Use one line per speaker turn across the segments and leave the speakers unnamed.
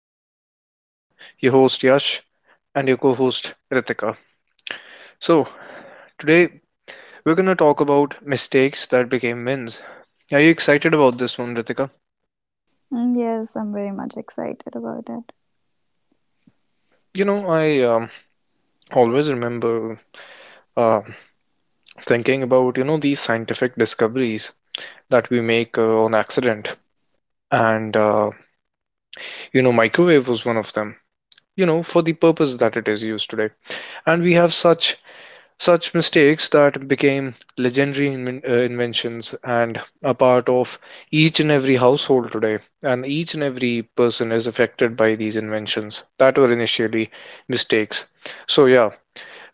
podcast with your host Yash and your co host Ritika. So, today we're going to talk about mistakes that became wins. Are you excited about this one, Ritika?
Mm, Yes, I'm very much excited about it.
I always remember uh, thinking about, these scientific discoveries that we make on accident. And, microwave was one of them, for the purpose that it is used today. And we have such mistakes that became legendary inventions and a part of each and every household today. And each and every person is affected by these inventions that were initially mistakes. So, yeah,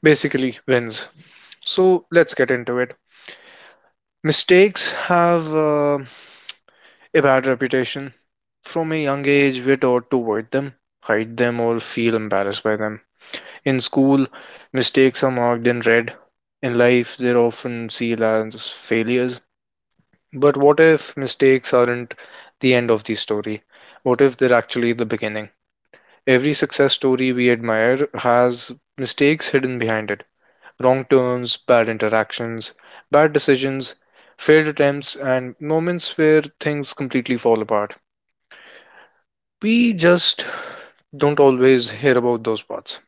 basically wins. So, let's get into it. Mistakes have a bad reputation. From a young age, we're taught to avoid them, hide them, or feel embarrassed by them. In school, mistakes are marked in red. In life, they're often seen as failures. But what if mistakes aren't the end of the story? What if they're actually the beginning? Every success story we admire has mistakes hidden behind it. Wrong turns, bad interactions, bad decisions, failed attempts, and moments where things completely fall apart. We just don't always hear about those parts.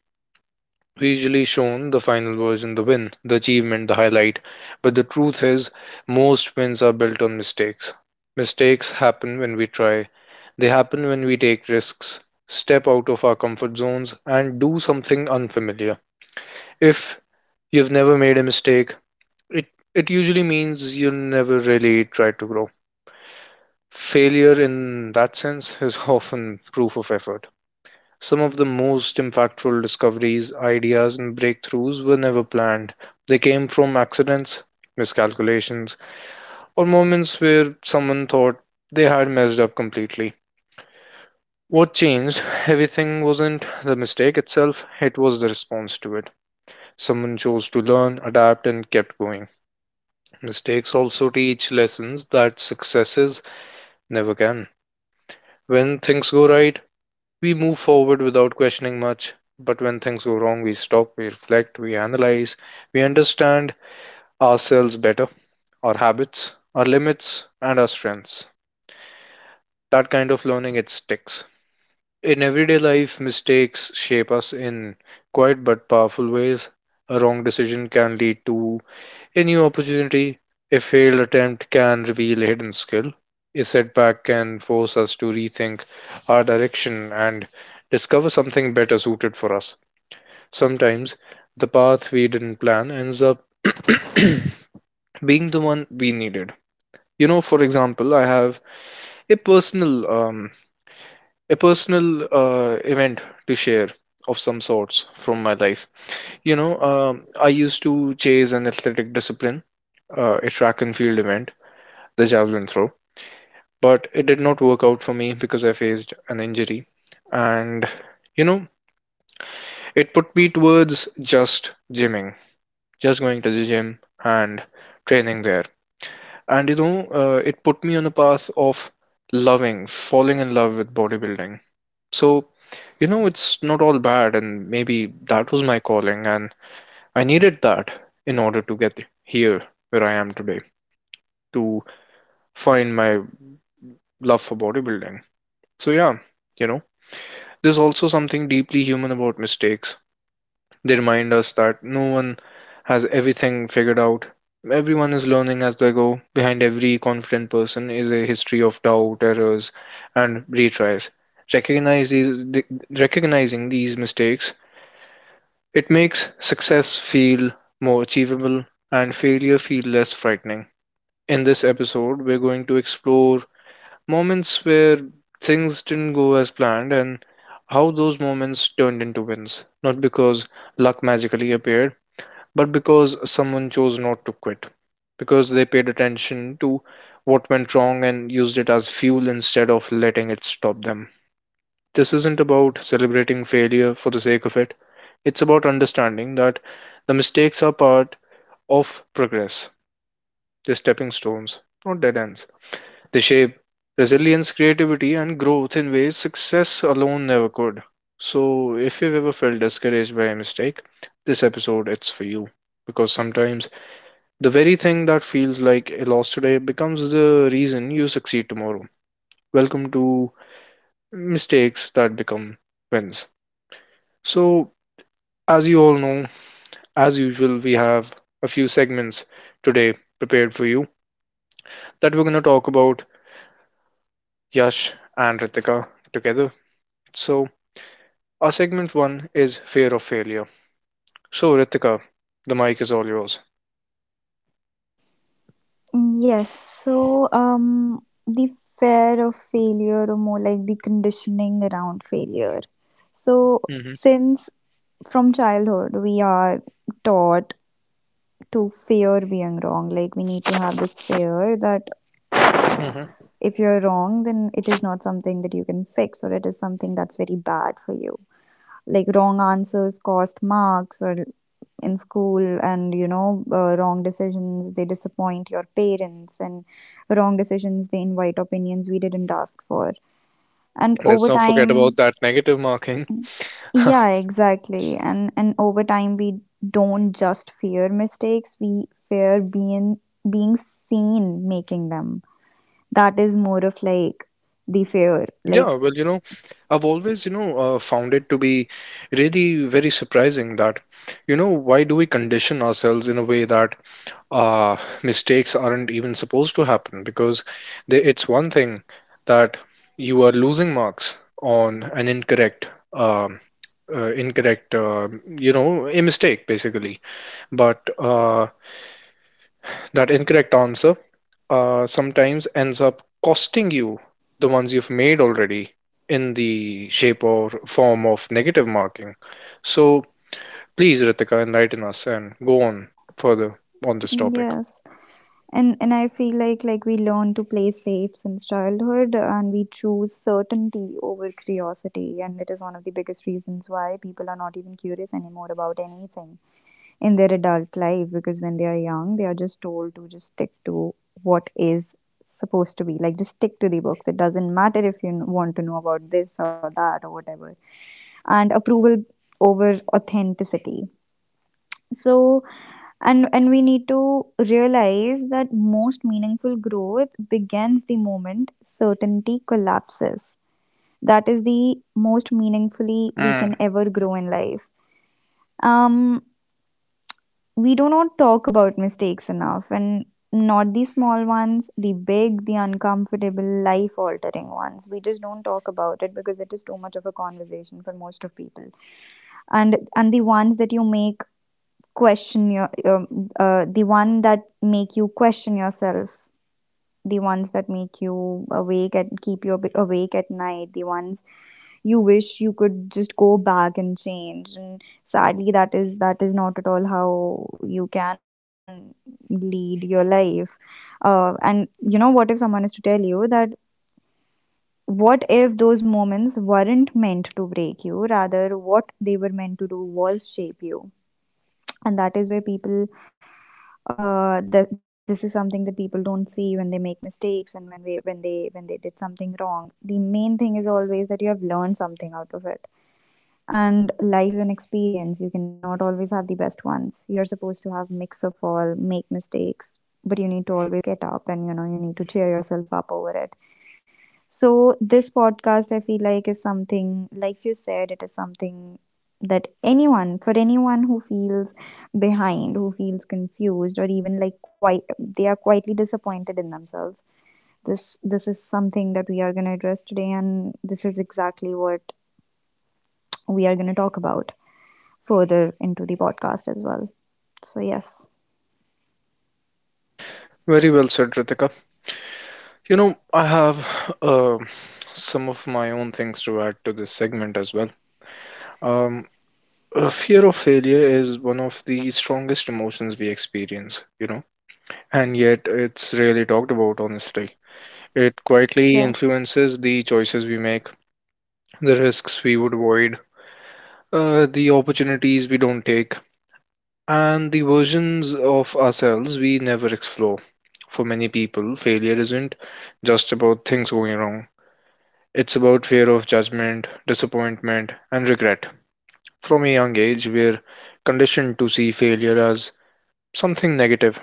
Visually shown, the final version, the win, the achievement, the highlight. But the truth is, most wins are built on mistakes. Mistakes happen when we try, they happen when we take risks, step out of our comfort zones, and do something unfamiliar. If you've never made a mistake, it, it usually means you never really tried to grow. Failure, in that sense, is often proof of effort. Some of the most impactful discoveries, ideas, and breakthroughs were never planned. They came from accidents, miscalculations, or moments where someone thought they had messed up completely. What changed everything wasn't the mistake itself, it was the response to it. Someone chose to learn, adapt, and kept going. Mistakes also teach lessons that successes never can. When things go right, we move forward without questioning much, but when things go wrong, we stop, we reflect, we analyze, we understand ourselves better, our habits, our limits, and our strengths. That kind of learning, it sticks. In everyday life, mistakes shape us in quiet but powerful ways. A wrong decision can lead to a new opportunity, a failed attempt can reveal a hidden skill. A setback can force us to rethink our direction and discover something better suited for us. Sometimes the path we didn't plan ends up being the one we needed. For example, I have a personal um, a personal event to share of some sorts from my life. I used to chase an athletic discipline, a track and field event, the javelin throw, but it did not work out for me because I faced an injury. And you know, it put me towards just gymming, just going to the gym and training there. And it put me on the path of loving, falling in love with bodybuilding. So, it's not all bad, and maybe that was my calling, and I needed that in order to get here where I am today, to find my love for bodybuilding. So, yeah, you know, there's also something deeply human about mistakes. They remind us that no one has everything figured out. Everyone is learning as they go. Behind every confident person is a history of doubt, errors, and retries. Recognize these, the, Recognizing these mistakes, it makes success feel more achievable and failure feel less frightening. In this episode, we're going to explore moments where things didn't go as planned, and how those moments turned into wins. Not because luck magically appeared, but because someone chose not to quit. Because they paid attention to what went wrong and used it as fuel instead of letting it stop them. This isn't about celebrating failure for the sake of it. It's about understanding that the mistakes are part of progress. They're stepping stones, not dead ends. They shape resilience, creativity, and growth in ways success alone never could. So, if you've ever felt discouraged by a mistake, this episode, it's for you. Because sometimes the very thing that feels like a loss today becomes the reason you succeed tomorrow. Welcome to mistakes that become wins. So, as you all know, as usual, we have a few segments today prepared for you that we're going to talk about, Yash and Ritika together. So, our segment one is fear of failure. So, Ritika, the mic is all yours.
Mm, Yes, so the fear of failure, or more like the conditioning around failure. So,
Hmm.
since from childhood we are taught to fear being wrong, like we need to have this fear that
Hmm.
if you're wrong, then it is not something that you can fix, or it is something that's very bad for you. Like wrong answers cost marks or in school, and wrong decisions they disappoint your parents, and wrong decisions they invite opinions we didn't ask for. And
Let's
over
not forget
time,
about that negative marking.
yeah, exactly. And over time, we don't just fear mistakes, we fear being seen making them. That is more of like the fear,
Yeah,
like,
well, I've always, found it to be really very surprising that, why do we condition ourselves in a way that uh, mistakes aren't even supposed to happen? Because it's one thing that you are losing marks on an a mistake basically. But that incorrect answer sometimes ends up costing you the ones you've made already in the shape or form of negative marking. So please, Ritika, enlighten us and go on further on this topic.
yes. And I feel like we learn to play safe since childhood, and we choose certainty over curiosity. And it is one of the biggest reasons why people are not even curious anymore about anything in their adult life, because when they are young they are just told to just stick to what is supposed to be, like, just stick to the books. It doesn't matter if you want to know about this or that or whatever, and approval over authenticity. So, and we need to realize that most meaningful growth begins the moment certainty collapses. That is the most meaningfully we
Mm.
can ever grow in life. Um we do not talk about mistakes enough, and not the small ones, the big, the uncomfortable, life altering ones. We just don't talk about it because it is too much of a conversation for most of people. And the ones that you make question your the one that make you question yourself, the ones that make you awake and keep you awake at night, the ones you wish you could just go back and change. And sadly, that is not at all how you can lead your life. And you know what if someone is to tell you that what if those moments weren't meant to break you, rather what they were meant to do was shape you. And that is where people, this is something that people don't see when they make mistakes. And when they did something wrong, the main thing is always that you have learned something out of it. And life is an experience, you cannot always have the best ones, you're supposed to have mix of all, make mistakes, but you need to always get up, and you need to cheer yourself up over it. So, this podcast, I feel like is something, like you said, it is something that anyone, for anyone who feels behind, who feels confused, or even like quite, they are quietly disappointed in themselves. This is something that we are going to address today, and this is exactly what we are going to talk about further into the podcast as well. So yes,
Very well said, Ritika. I have uh, some of my own things to add to this segment as well. Um, Fear of failure is one of the strongest emotions we experience. And yet, it's rarely talked about, honestly. It quietly
yes,
influences the choices we make, the risks we would avoid, the opportunities we don't take, and the versions of ourselves we never explore. For many people, failure isn't just about things going wrong. It's about fear of judgment, disappointment, and regret. From a young age, we're conditioned to see failure as something negative.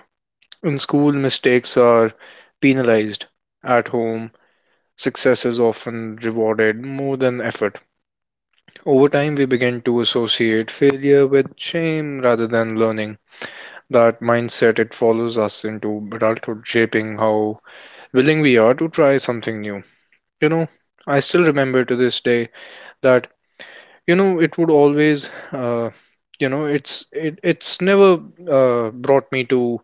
In school, mistakes are penalized. At home, success is often rewarded more than effort. Over time, we begin to associate failure with shame rather than learning. That mindset, it follows us into adulthood, shaping how willing we are to try something new. You know, I still remember to this day that it would always, it's never brought me to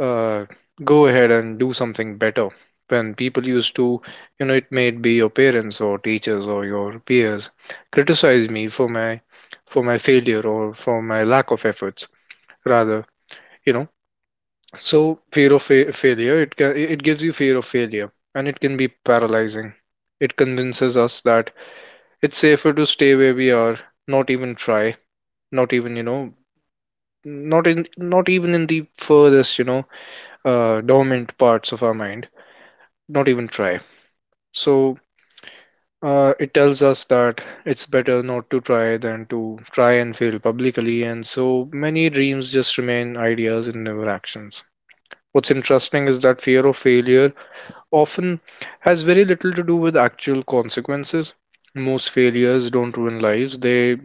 uh, go ahead and do something better. When people used to, it may be your parents or teachers or your peers criticize me for my failure or for my lack of efforts, rather, you know. So fear of failure, it gives you fear of failure, and it can be paralyzing. It convinces us that it's safer to stay where we are, not even try, not even, you know, not even in the furthest, dormant parts of our mind, not even try. So, it tells us that it's better not to try than to try and fail publicly, and so many dreams just remain ideas and never actions. What's interesting is that fear of failure often has very little to do with actual consequences. Most failures don't ruin lives, they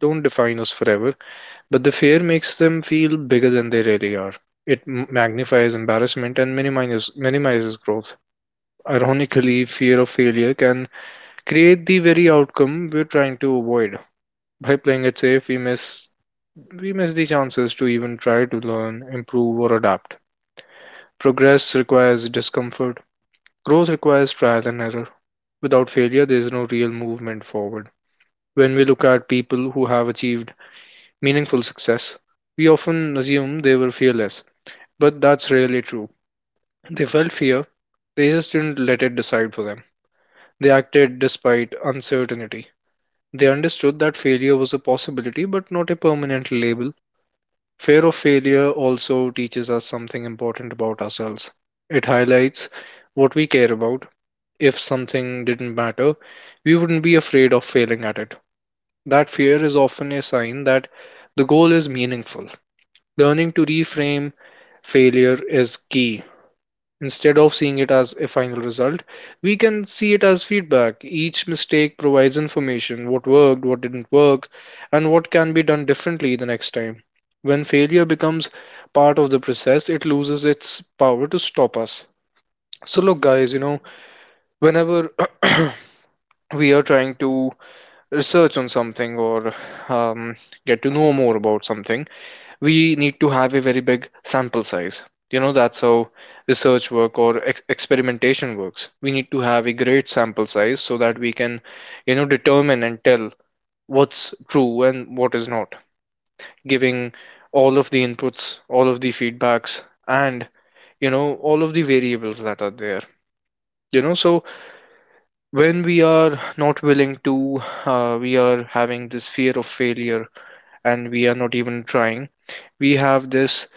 don't define us forever, but the fear makes them feel bigger than they really are. It magnifies embarrassment and minimizes growth. Ironically, fear of failure can create the very outcome we're trying to avoid. By playing it safe, we miss the chances to even try to learn, improve, or adapt. Progress requires discomfort. Growth requires trial and error. Without failure, there is no real movement forward. When we look at people who have achieved meaningful success, we often assume they were fearless, but that's rarely true. They felt fear, they just didn't let it decide for them. They acted despite uncertainty. They understood that failure was a possibility but not a permanent label. Fear of failure also teaches us something important about ourselves. It highlights what we care about. If something didn't matter, we wouldn't be afraid of failing at it. That fear is often a sign that the goal is meaningful. Learning to reframe failure is key. Instead of seeing it as a final result, we can see it as feedback. Each mistake provides information what worked, what didn't work, and what can be done differently the next time. When failure becomes part of the process, it loses its power to stop us. So, look, guys, whenever we are trying to research on something or um, get to know more about something, we need to have a very big sample size. That's how research work or experimentation works. We need to have a great sample size so that we can, determine and tell what's true and what is not, giving all of the inputs, all of the feedbacks, and, all of the variables that are there. You know, so when we are not willing to, we are having this fear of failure and we are not even trying, we have this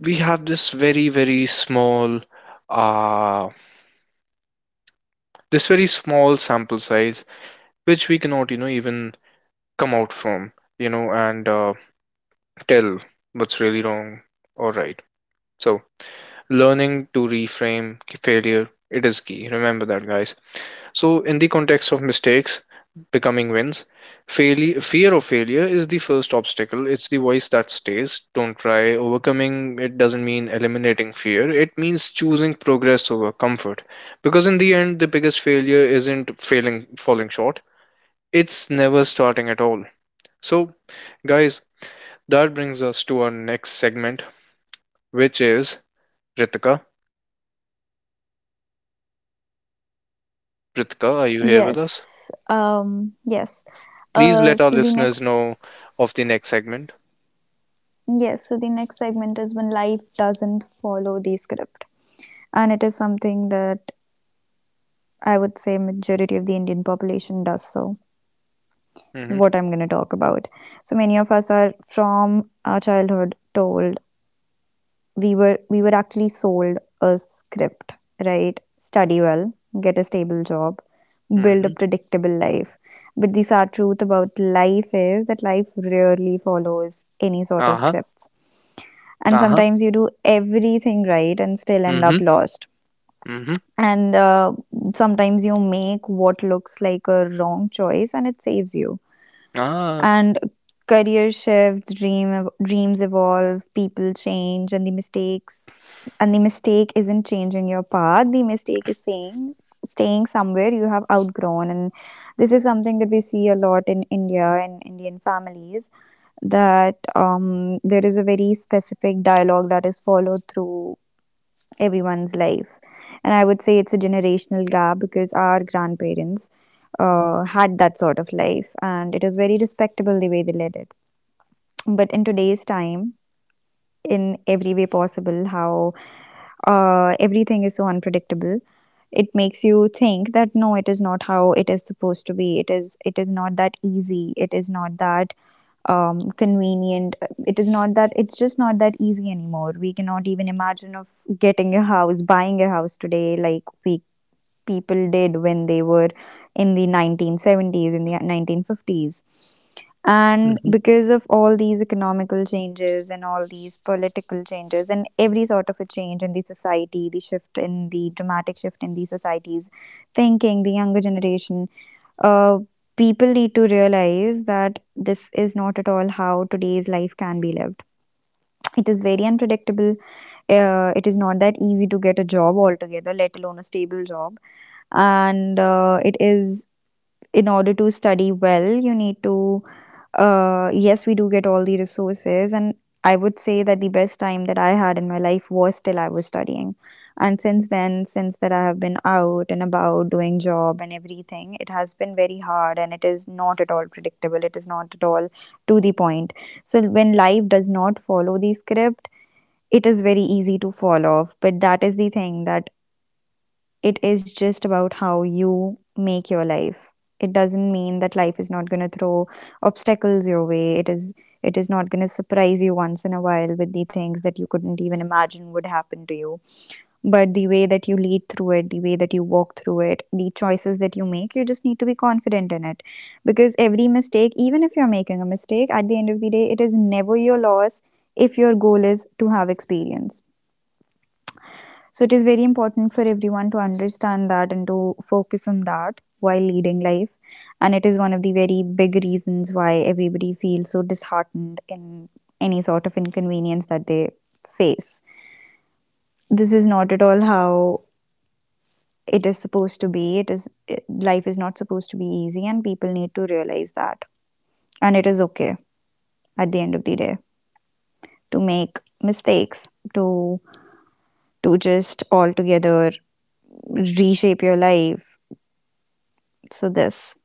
we have this very small uh this very small sample size which we cannot even come out from you know and tell what's really wrong or right. So learning to reframe failure, it is key. Remember that, guys. So, in the context of mistakes becoming wins, failure, fear of failure is the first obstacle. It's the voice that stays. Don't try. Overcoming it doesn't mean eliminating fear, it means choosing progress over comfort. Because in the end, the biggest failure isn't failing, falling short, it's never starting at all. So, guys, that brings us to our next segment, which is Ritika. Ritika, are you here with us?
yes, yes.
Please let our
So the
listeners know of
next
the next segment.
Yes, so the next segment is when life doesn't follow the script. And it is something that I would say majority of the Indian population does so.
Hmm.
What I'm going to talk about. So, many of us are from our childhood told, we were actually sold a script, right? Study well, get a stable job, build a
Hmm.
predictable life. But the sad truth about life is that life rarely follows any sort of
Uh-huh,
scripts, and
uh-huh.
sometimes you do everything right and still end
Mhm,
up lost.
mhm.
And sometimes you make what looks like a wrong choice and it saves you.
Ah,
And career shift, dreams evolve, people change, and the mistake isn't changing your path, the mistake is saying staying somewhere you have outgrown. And this is something that we see a lot in India and Indian families, that there is a very specific dialogue that is followed through everyone's life. And I would say it's a generational gap because our grandparents had that sort of life, and it is very respectable the way they led it. But in today's time, in every way possible, how everything is so unpredictable, it makes you think that no, it is not how it is supposed to be. It is not that easy. It is not that convenient. It's just not that easy anymore. We cannot even imagine of getting a house, buying a house today like we people did when they were in the 1970s, in the 1950s. And
mhm.
because of all these economical changes and all these political changes and every sort of a change in the society, the dramatic shift in the society's thinking, the younger generation, uh, people need to realize that this is not at all how today's life can be lived. It is very unpredictable. It is not that easy to get a job altogether, let alone a stable job. And it is in order to study well, you need to yes, we do get all the resources, and I would say that the best time that I had in my life was till I was studying. And since then, since that I have been out and about doing job and everything, it has been very hard and it is not at all predictable. It is not at all to the point. So, when life does not follow the script, it is very easy to fall off. But that is the thing that it is just about how you make your life. It doesn't mean that life is not going to throw obstacles your way. It is not going to surprise you once in a while with the things that you couldn't even imagine would happen to you, but the way that you lead through it, the way that you walk through it, the choices that you make, you just need to be confident in it, because every mistake, even if you're making a mistake, at the end of the day it is never your loss if your goal is to have experience. So, it is very important for everyone to understand that and to focus on that while leading life. And it is one of the very big reasons why everybody feels so disheartened in any sort of inconvenience that they face. This is not at all how it is supposed to be. It is it- life is not supposed to be easy, and people need to realize that. And it is okay, at the end of the day, to make mistakes, to to just altogether reshape your life. So, this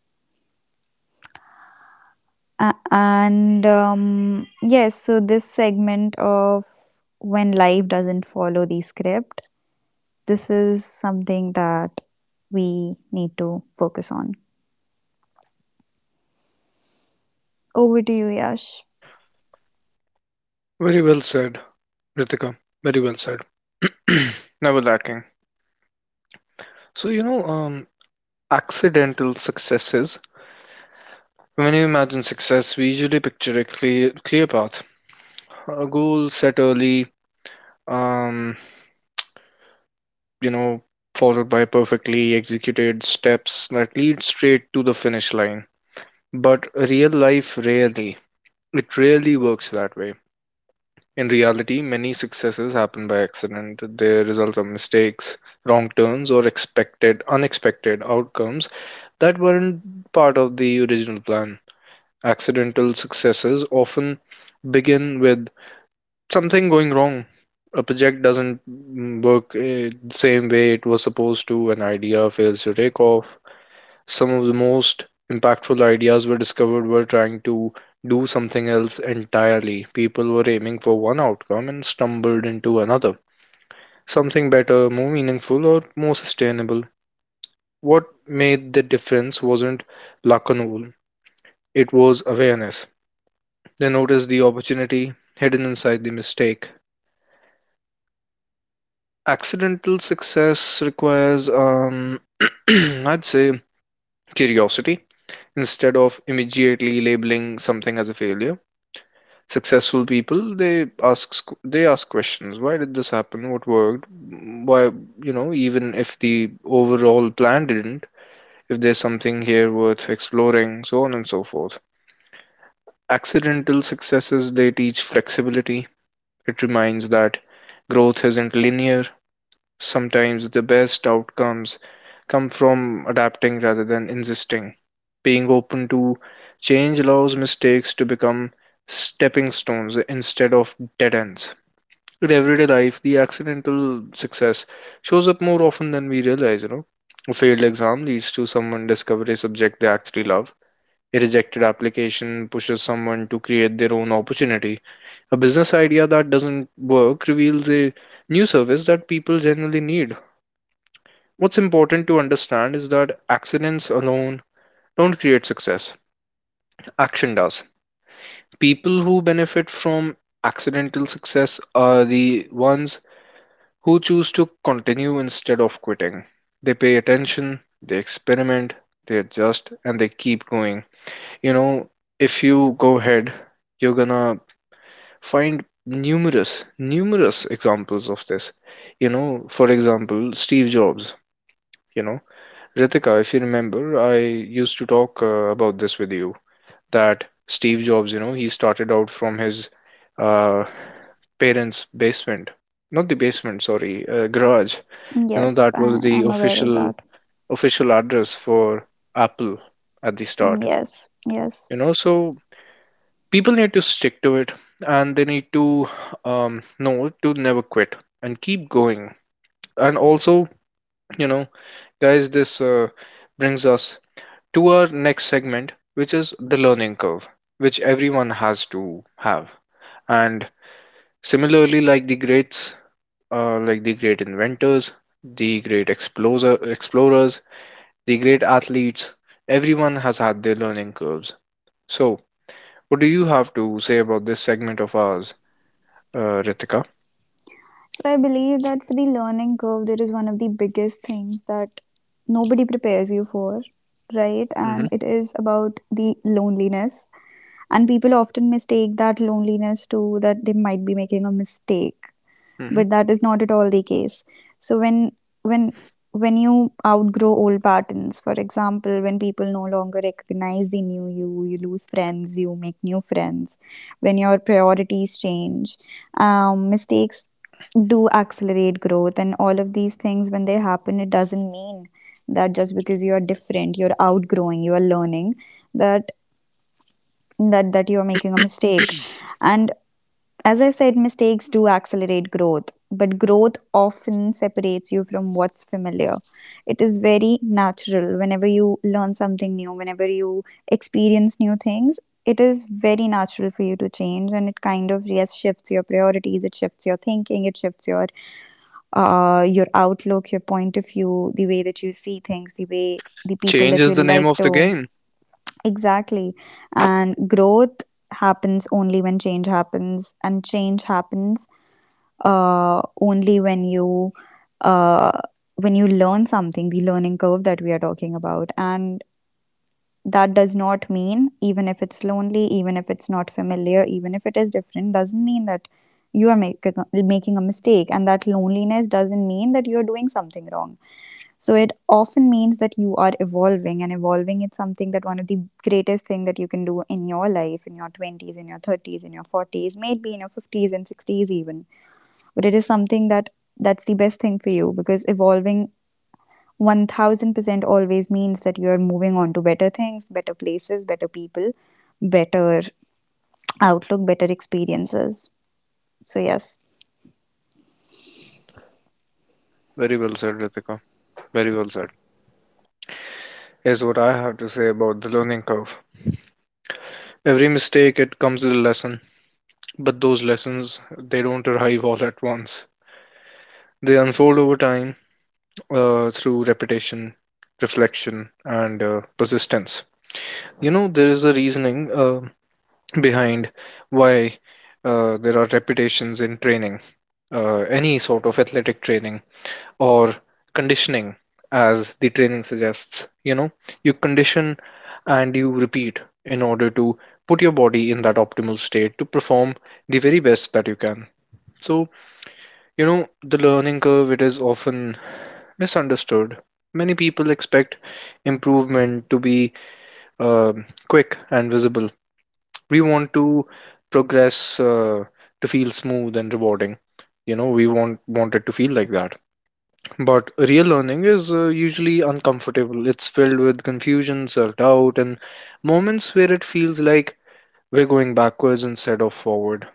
A- and yes, so this segment of when life doesn't follow the script, this is something that we need to focus on. Over to you, Yash.
Very well said, Ritika. Very well said. Never lacking. So, accidental successes. When you imagine success, we usually picture a clear path, a goal set early, um, you know, followed by perfectly executed steps that lead straight to the finish line. But real life it rarely works that way. In reality, many successes happen by accident. They result of mistakes, wrong turns, or unexpected outcomes that weren't part of the original plan. Accidental successes often begin with something going wrong. A project doesn't work the same way it was supposed to, an idea fails to take off, some of the most impactful ideas were discovered were trying to do something else entirely. People were aiming for one outcome and stumbled into another, something better, more meaningful, or more sustainable. What made the difference wasn't luck alone, it was awareness. They noticed the opportunity hidden inside the mistake. Accidental success requires, I'd say, curiosity. Instead of immediately labeling something as a failure, successful people, they ask questions. Why did this happen? What worked? Why? Even if the overall plan didn't, if there's something here worth exploring, so on and so forth. Accidental successes, they teach flexibility. It reminds that growth isn't linear. Sometimes the best outcomes come from adapting rather than insisting. Being open to change allows mistakes to become stepping stones instead of dead ends. In everyday life, the accidental success shows up more often than we realize, you know. A failed exam leads to someone discover a subject they actually love. A rejected application pushes someone to create their own opportunity. A business idea that doesn't work reveals a new service that people generally need. What's important to understand is that accidents alone don't create success. Action does. People who benefit from accidental success are the ones who choose to continue instead of quitting. They pay attention, they experiment, they adjust, and they keep going. You know, if you go ahead, you're gonna find numerous examples of this. You know, for example, Steve Jobs. You know, Ritika, if you remember, I used to talk about this with you that Steve Jobs, you know, he started out from his uh, parents' basement, not the basement, sorry, garage. You know,
Yes,
that was
I,
the
I'm aware of that.
official address for Apple at the start.
Yes, yes.
You know, so people need to stick to it and they need to know to never quit and keep going. And also, you know, guys, this brings us to our next segment, which is the learning curve, which everyone has to have. And similarly, like the greats, like the great inventors, the great explorers, the great athletes, everyone has had their learning curves. So, what do you have to say about this segment of ours, Ritika?
So, I believe that for the learning curve, there is one of the biggest things that nobody prepares you for, right?
Hmm.
And it is about the loneliness. And people often mistake that loneliness to that they might be making a mistake,
Hmm.
but that is not at all the case. So when when you outgrow old patterns, for example, when people no longer recognize the new you, you lose friends, you make new friends, when your priorities change, mistakes do accelerate growth, and all of these things, when they happen, it doesn't mean that just because you are different, you're outgrowing, you are learning, that you are making a mistake. And as I said, mistakes do accelerate growth, but growth often separates you from what's familiar. It is very natural whenever you learn something new, whenever you experience new things. It is very natural for you to change, and it kind of, yes, shifts your priorities, it shifts your thinking, it shifts your outlook, your point of view, the way that you see things, the way the people
Change
that you
is the name
like
of
to.
the game.
Exactly. And growth happens only when change happens, and change happens only when you uh, learn something, the learning curve that we are talking about. And that does not mean, even if it's lonely, even if it's not familiar, even if it is different, doesn't mean that you are making a mistake. And that loneliness doesn't mean that you are doing something wrong. So it often means that you are evolving, and evolving is something that one of the greatest thing that you can do in your life, in your twenties, in your thirties, in your forties, maybe in your fifties and sixties even. But it is something that's the best thing for you because evolving one thousand percent always means that you are moving on to better things, better places, better people, better outlook, better experiences. So yes.
Very well said, Ritika. Very well said. Here's what I have to say about the learning curve. Every mistake, it comes with a lesson, but those lessons, they don't arrive all at once. They unfold over time through repetition, reflection, and persistence. You know, there is a reasoning. Behind why there are reputations in training, any sort of athletic training or conditioning, as the training suggests. You know, you condition and you repeat in order to put your body in that optimal state to perform the very best that you can. So, you know, the learning curve, it is often misunderstood. Many people expect improvement to be uh, quick and visible. We want to progress to feel smooth and rewarding. You know, we want it to feel like that, but real learning is usually uncomfortable. It's filled with confusion, self-doubt, and moments where it feels like we're going backwards instead of forward.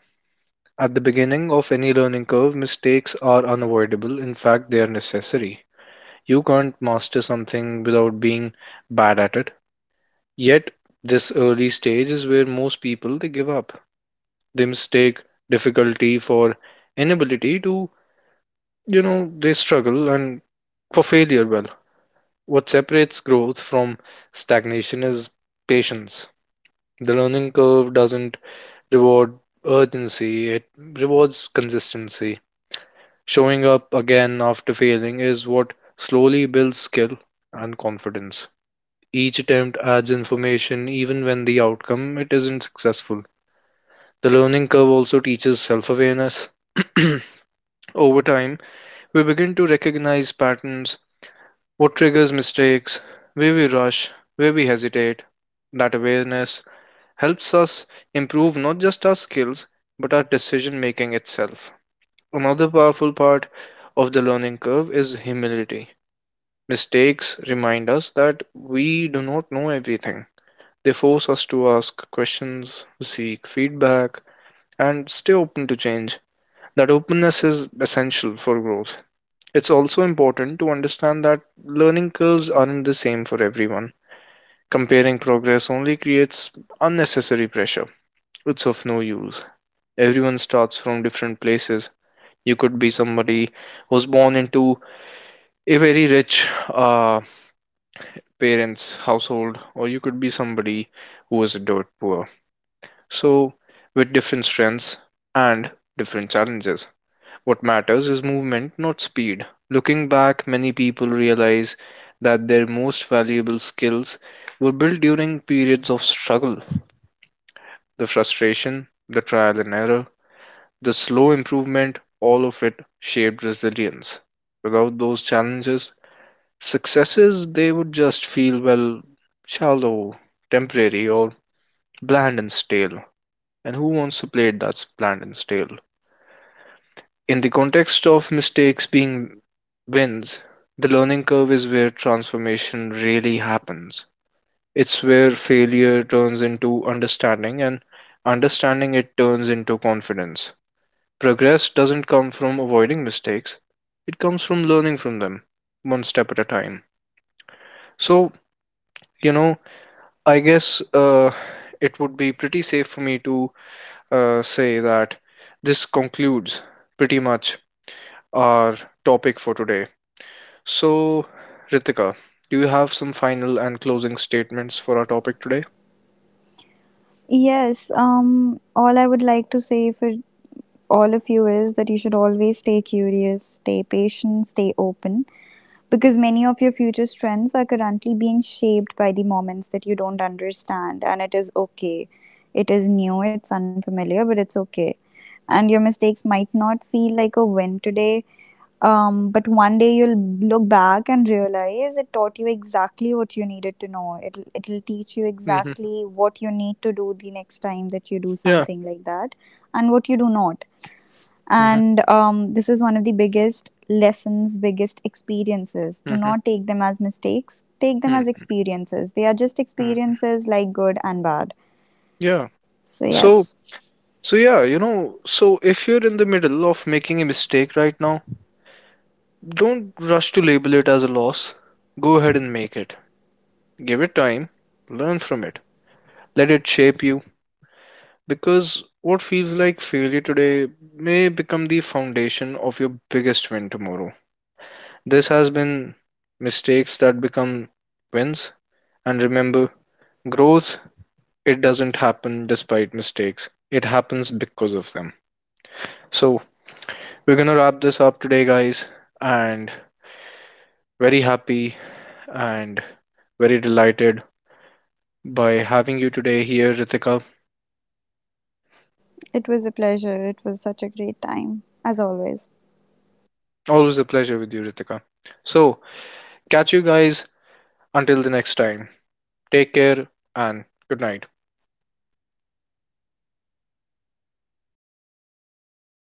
At the beginning of any learning curve, mistakes are unavoidable. In fact, they are necessary. You can't master something without being bad at it. Yet this early stage is where most people, they give up. They mistake difficulty for inability to, you know, they struggle and for failure. Well, what separates growth from stagnation is patience. The learning curve doesn't reward urgency, it rewards consistency. Showing up again after failing is what slowly builds skill and confidence. Each attempt adds information even when the outcome it isn't successful. The learning curve also teaches self-awareness. Over time, we begin to recognize patterns, what triggers mistakes, where we rush, where we hesitate. That awareness helps us improve not just our skills, but our decision making itself. Another powerful part of the learning curve is humility. Mistakes remind us that we do not know everything. They force us to ask questions, seek feedback, and stay open to change. That openness is essential for growth. It's also important to understand that learning curves aren't the same for everyone. Comparing progress only creates unnecessary pressure. It's of no use. Everyone starts from different places. You could be somebody who was born into a very rich parents' household, or you could be somebody who was dirt poor. So, with different strengths and different challenges. What matters is movement, not speed. Looking back, many people realize that their most valuable skills were built during periods of struggle. The frustration, the trial and error, the slow improvement, all of it shaped resilience. Without those challenges, successes they would just feel, well, shallow, temporary, or bland and stale. And who wants to play it that's bland and stale? In the context of mistakes being wins, the learning curve is where transformation really happens. It's where failure turns into understanding and understanding it turns into confidence. Progress doesn't come from avoiding mistakes, it comes from learning from them one step at a time. So, you know, I guess it would be pretty safe for me to say that this concludes pretty much our topic for today. So, Ritika, do you have some final and closing statements for our topic today?
Yes, all I would like to say for all of you is that you should always stay curious, stay patient, stay open, because many of your future trends are currently being shaped by the moments that you don't understand, and it is okay. It is new, it's unfamiliar, but it's okay. And your mistakes might not feel like a win today, but one day you'll look back and realize it taught you exactly what you needed to know. It'll teach you
Mm-hmm.
exactly what you need to do the next time that you do
Yeah.
something like that. And what you do not.
Mm-hmm.
And this is one of the biggest lessons, biggest experiences. Do
Mm-hmm.
not take them as mistakes, take them as experiences, they are just
Hmm.
experiences like good and bad.
Yeah.
So
So,
yes.
yeah, you know, so if you're in the middle of making a mistake right now, don't rush to label it as a loss. Go ahead and make it. Give it time. Learn from it. Let it shape you. Because what feels like failure today may become the foundation of your biggest win tomorrow. This has been mistakes that become wins. And remember, growth, it doesn't happen despite mistakes, it happens because of them. So, we're gonna wrap this up today, guys, and very happy and very delighted by having you today here, Ritika.
It was a pleasure. It was such a great time, as always.
Always a pleasure with you, Ritika. So, catch you guys until the next time. Take care and good night.